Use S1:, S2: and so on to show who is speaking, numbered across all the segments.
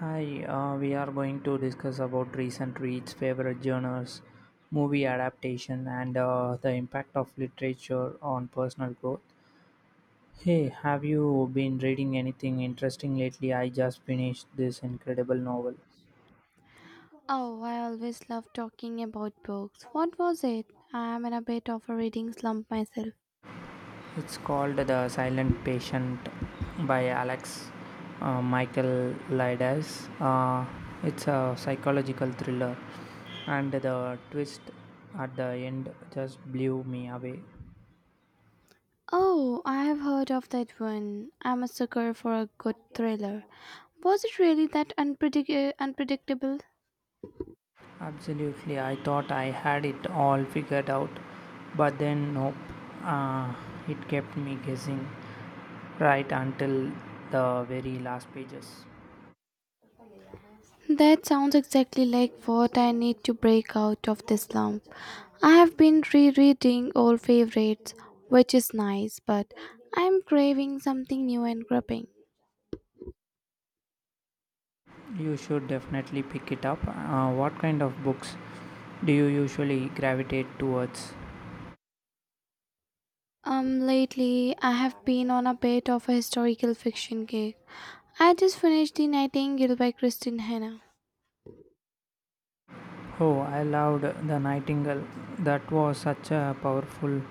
S1: Hi, we are going to discuss about recent reads, favorite genres, movie adaptation, and the impact of literature on personal growth. Hey, have you been reading anything interesting lately? I just finished this incredible novel.
S2: Oh, I always love talking about books. What was it? I'm in a bit of a reading slump myself.
S1: It's called The Silent Patient by Alex Michael Lides. It's a psychological thriller, and the twist at the end just blew me away.
S2: Oh, I have heard of that one. I'm a sucker for a good thriller. Was it really that unpredictable?
S1: Absolutely, I thought I had it all figured out, but then nope. Uh, it kept me guessing right until the very last pages.
S2: That sounds exactly like what I need to break out of this slump. I have been rereading old favorites, which is nice, but I'm craving something new and gripping.
S1: You should definitely pick it up. What kind of books do you usually gravitate towards?
S2: Lately I have been on a bit of a historical fiction kick. I just finished The Nightingale by Christine Hanna.
S1: Oh, I loved The Nightingale. That was such a powerful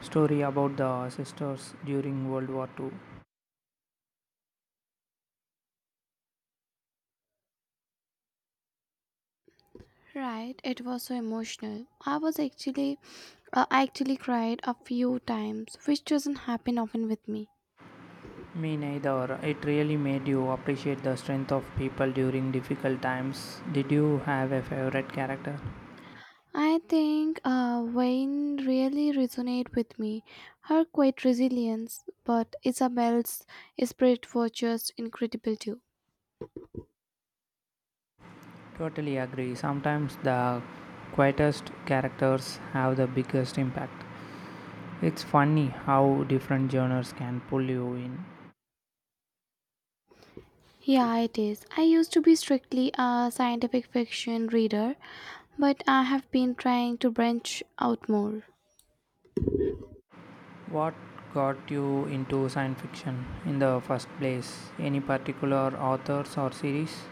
S1: story about the sisters during World War II.
S2: Right, it was so emotional. I actually cried a few times, which doesn't happen often with me.
S1: Me neither. It really made you appreciate the strength of people during difficult times. Did you have a favorite character?
S2: I think Wayne really resonate with me. Her quiet resilience, but Isabel's spirit was just incredible too.
S1: Totally agree. Sometimes the quietest characters have the biggest impact. It's funny how different genres can pull you in.
S2: Yeah, it is. I used to be strictly a scientific fiction reader, but I have been trying to branch out more.
S1: What got you into science fiction in the first place? Any particular authors or series?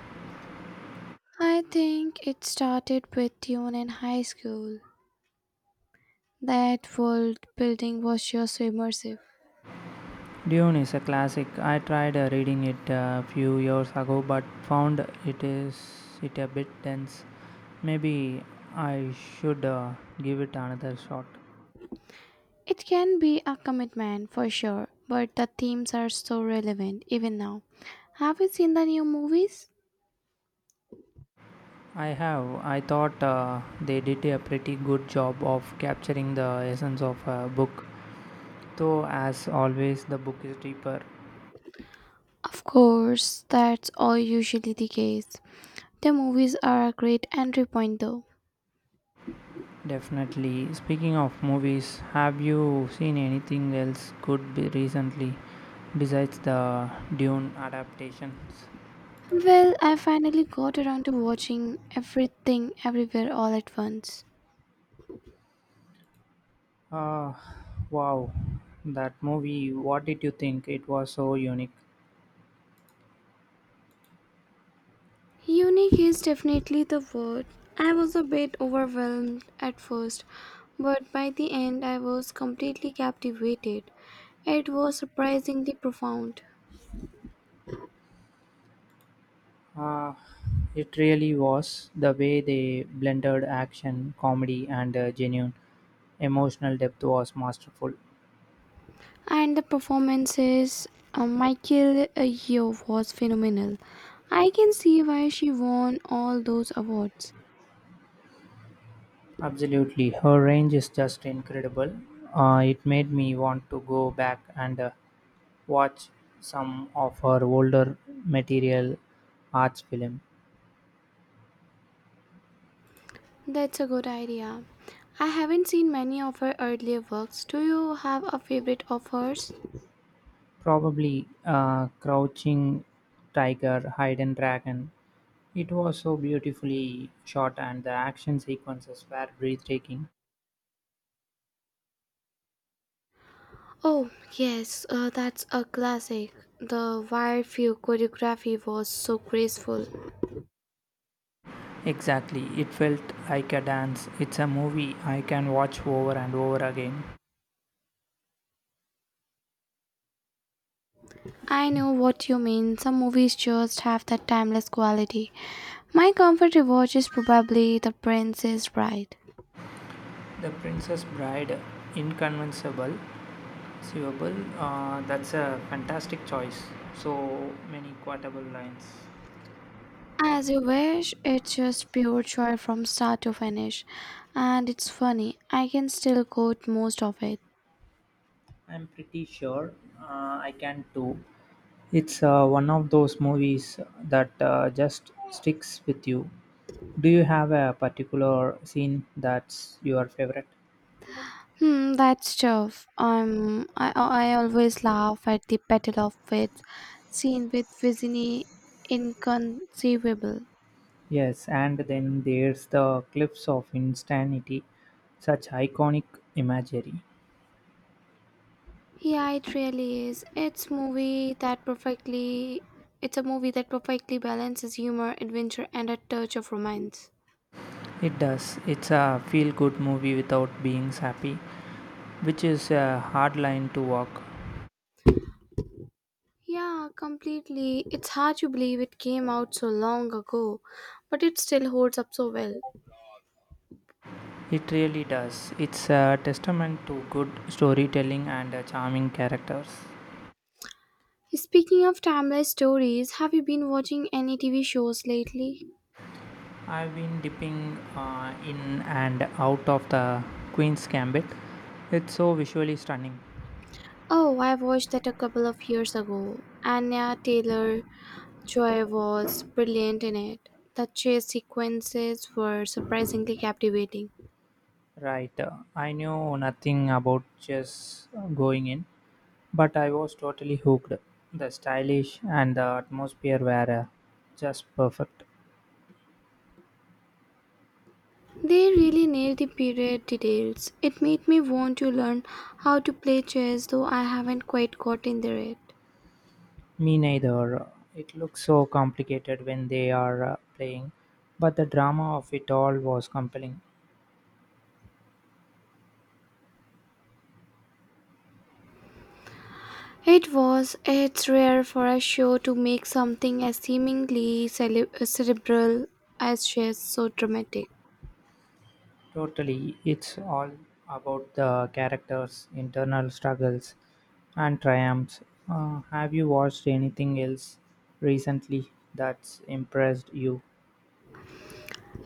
S2: I think it started with tune in high school. That world building was just so immersive.
S1: Dune is a classic. I tried reading it a few years ago but found it is it a bit dense. Maybe I should give it another shot.
S2: It can be a commitment for sure, but the themes are so relevant even now. Have you seen the new movies?
S1: I have. I thought they did a pretty good job of capturing the essence of a book. Though as always the book is deeper.
S2: Of course, that's all usually the case. The movies are a great entry point though.
S1: Definitely. Speaking of movies, have you seen anything else good be recently besides the Dune adaptations?
S2: Well, I finally got around to watching everything everywhere all at once.
S1: Uh, wow, that movie, what did you think? It was so unique.
S2: Unique is definitely the word. I was a bit overwhelmed at first, but by the end I was completely captivated. It was surprisingly profound.
S1: Uh, it really was, the way they blended action, comedy, and genuine emotional depth was masterful.
S2: And the performances, Michael Yeoh was phenomenal. I can see why she won all those awards.
S1: Absolutely, her range is just incredible. It made me want to go back and watch some of her older material arts film.
S2: That's a good idea. I haven't seen many of her earlier works. Do you have a favorite of hers?
S1: Probably Crouching Tiger, Hidden Dragon. It was so beautifully shot and the action sequences were breathtaking.
S2: Oh, yes, that's a classic. The wire view choreography was so graceful.
S1: Exactly, it felt like a dance. It's a movie I can watch over and over again.
S2: I know what you mean. Some movies just have that timeless quality. My comfort rewatch is probably The Princess Bride.
S1: The Princess Bride, inconceivable, Sievable, that's a fantastic choice. So many quotable lines.
S2: As you wish, it's just pure joy from start to finish. And it's funny, I can still quote most of it.
S1: I'm pretty sure uh, I can too. It's one of those movies that just sticks with you. Do you have a particular scene that's your favorite?
S2: Hmm, that's tough. I always laugh at the Battle of Wits scene with Vizini inconceivable.
S1: Yes, and then there's the cliffs of insanity, such iconic imagery.
S2: Yeah, it really is. It's a movie that perfectly balances humor, adventure and a touch of romance.
S1: It does. It's a feel good movie without being sappy, which is a hard line to walk.
S2: Yeah, completely. It's hard to believe it came out so long ago, but it still holds up so well.
S1: It really does. It's a testament to good storytelling and charming characters.
S2: Speaking of timeless stories, have you been watching any TV shows lately?
S1: I've been dipping in and out of the Queen's Gambit. It's so visually stunning.
S2: Oh, I watched that a couple of years ago. Anya Taylor Joy was brilliant in it. The chase sequences were surprisingly captivating.
S1: Right. I knew nothing about chess going in, but I was totally hooked. The stylish and the atmosphere were just perfect.
S2: They really nailed the period details. It made me want to learn how to play chess, though I haven't quite gotten there yet.
S1: Me neither. It looks so complicated when they are playing, but the drama of it all was compelling.
S2: It was. It's rare for a show to make something as seemingly cerebral as chess so dramatic.
S1: Totally, it's all about the characters' internal struggles and triumphs. Have you watched anything else recently that's impressed you?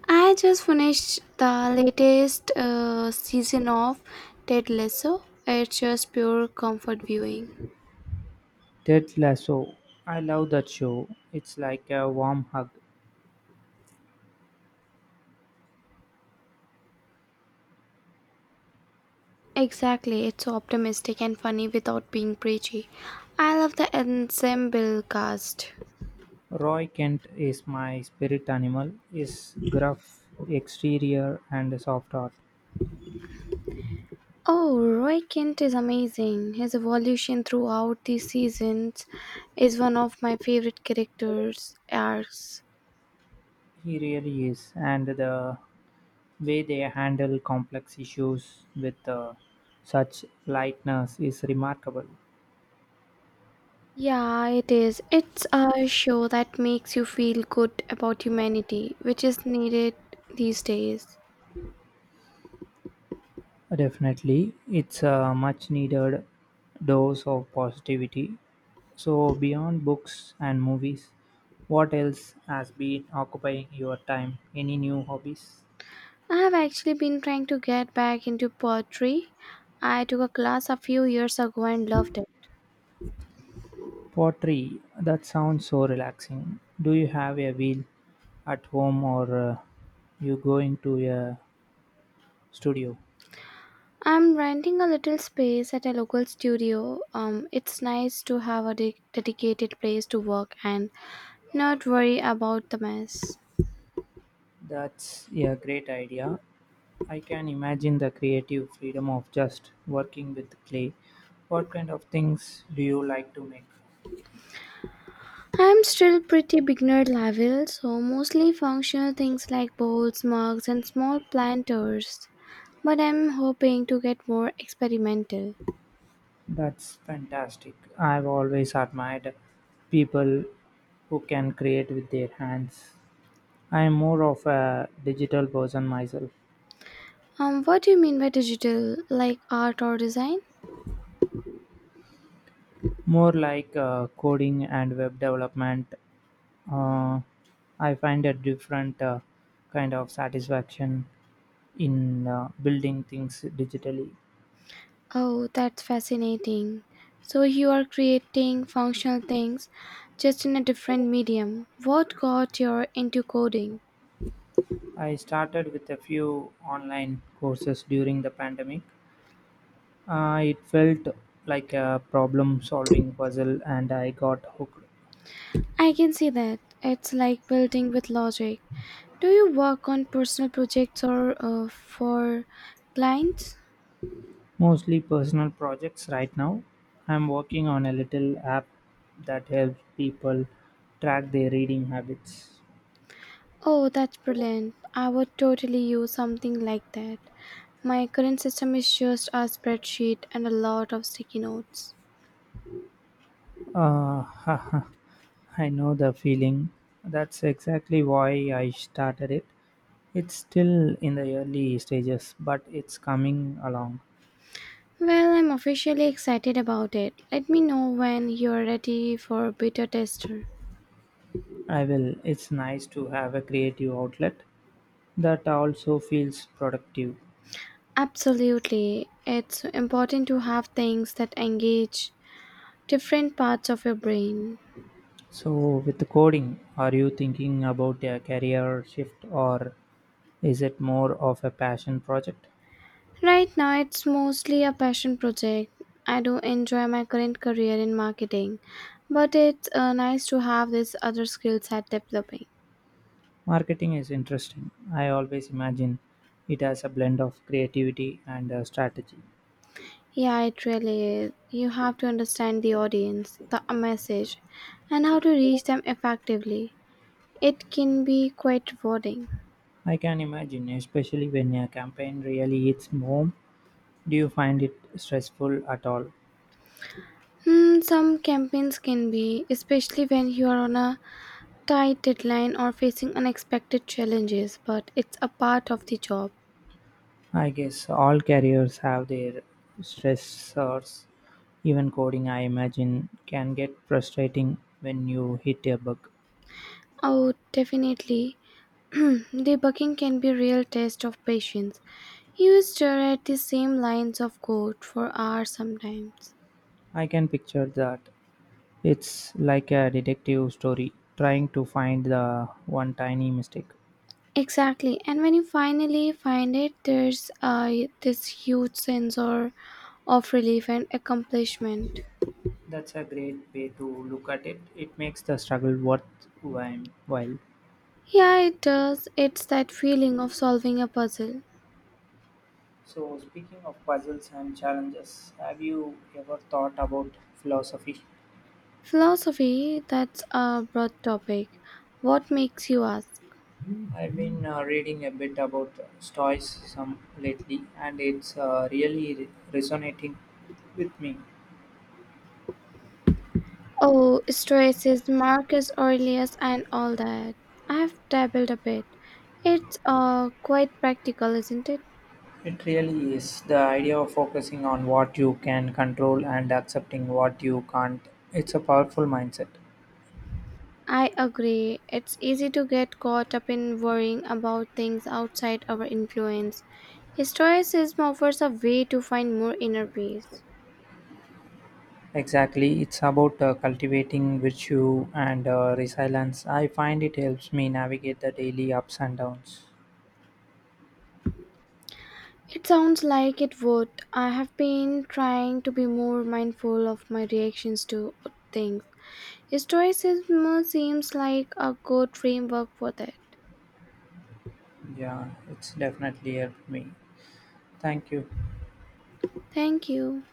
S2: I just finished the latest season of Ted Lasso. It's just pure comfort viewing.
S1: Ted Lasso. I love that show. It's like a warm hug.
S2: Exactly, it's so optimistic and funny without being preachy. I love the ensemble cast.
S1: Roy Kent is my spirit animal. His gruff exterior and soft heart.
S2: Oh, Roy Kent is amazing. His evolution throughout the seasons is one of my favorite characters arcs.
S1: He really is. And the way they handle complex issues with such lightness is remarkable.
S2: Yeah, it is. It's a show that makes you feel good about humanity, which is needed these days.
S1: Definitely, it's a much needed dose of positivity. So, beyond books and movies, what else has been occupying your time? Any new hobbies?
S2: I have actually been trying to get back into poetry. I took a class a few years ago and loved it.
S1: Pottery, that sounds so relaxing. Do you have a wheel at home, or you going to a studio?
S2: I'm renting a little space at a local studio. It's nice to have a dedicated place to work and not worry about the mess.
S1: That's a great idea. I can imagine the creative freedom of just working with clay. What kind of things do you like to make?
S2: I'm still pretty beginner level, so mostly functional things like bowls, mugs, and small planters. But I'm hoping to get more experimental.
S1: That's fantastic. I've always admired people who can create with their hands. I am more of a digital person myself,
S2: What do you mean by digital? Like art or design?
S1: more like coding and web development. Uh, I find a different kind of satisfaction in building things digitally.
S2: Oh, that's fascinating. So you are creating functional things just in a different medium. What got you into coding?
S1: I started with a few online courses during the pandemic. It felt like a problem solving puzzle, and I got hooked.
S2: I can see that. It's like building with logic. Do you work on personal projects or for clients?
S1: Mostly personal projects right now. I'm working on a little app that helps people track their reading habits.
S2: Oh, that's brilliant. I would totally use something like that. My current system is just a spreadsheet and a lot of sticky notes.
S1: Uh, I know the feeling. That's exactly why I started it. It's still in the early stages, but it's coming along.
S2: Well, I'm officially excited about it. Let me know when you're ready for beta tester.
S1: I will. It's nice to have a creative outlet that also feels productive.
S2: Absolutely. It's important to have things that engage different parts of your brain.
S1: So, with the coding, are you thinking about a career shift, or is it more of a passion project?
S2: Right now, it's mostly a passion project. I do enjoy my current career in marketing, but it's nice to have this other skill set developing.
S1: Marketing is interesting. I always imagine it as a blend of creativity and strategy.
S2: Yeah, it really is. You have to understand the audience, the message, and how to reach them effectively. It can be quite rewarding.
S1: I can imagine, especially when a campaign really hits home. Do you find it stressful at all?
S2: Hmm, some campaigns can be, especially when you are on a tight deadline or facing unexpected challenges, but it's a part of the job.
S1: I guess all careers have their stressors. Even coding, I imagine, can get frustrating when you hit a bug.
S2: Oh, definitely. Debugging can be a real test of patience. You stare at the same lines of code for hours sometimes.
S1: I can picture that. It's like a detective story, trying to find the one tiny mistake.
S2: Exactly, and when you finally find it, there's this huge of relief and accomplishment.
S1: That's a great way to look at it. It makes the struggle worthwhile.
S2: Yeah, it does. It's that feeling of solving a puzzle.
S1: So, speaking of puzzles and challenges, have you ever thought about philosophy?
S2: Philosophy, that's a broad topic. What makes you ask?
S1: I've been reading a bit about Stoicism lately, and it's really resonating with me.
S2: Oh, Strauss's Marcus Aurelius and all that. I've dabbled a bit. It's quite practical, isn't it?
S1: It really is. The idea of focusing on what you can control and accepting what you can't, it's a powerful mindset.
S2: I agree. It's easy to get caught up in worrying about things outside our influence. Stoicism offers a way to find more inner peace.
S1: Exactly. It's about cultivating virtue and resilience. I find it helps me navigate the daily ups and downs.
S2: It sounds like it would. I have been trying to be more mindful of my reactions to things. Stoicism seems like a good framework for that.
S1: Yeah, it's definitely helped me. Thank you.
S2: Thank you.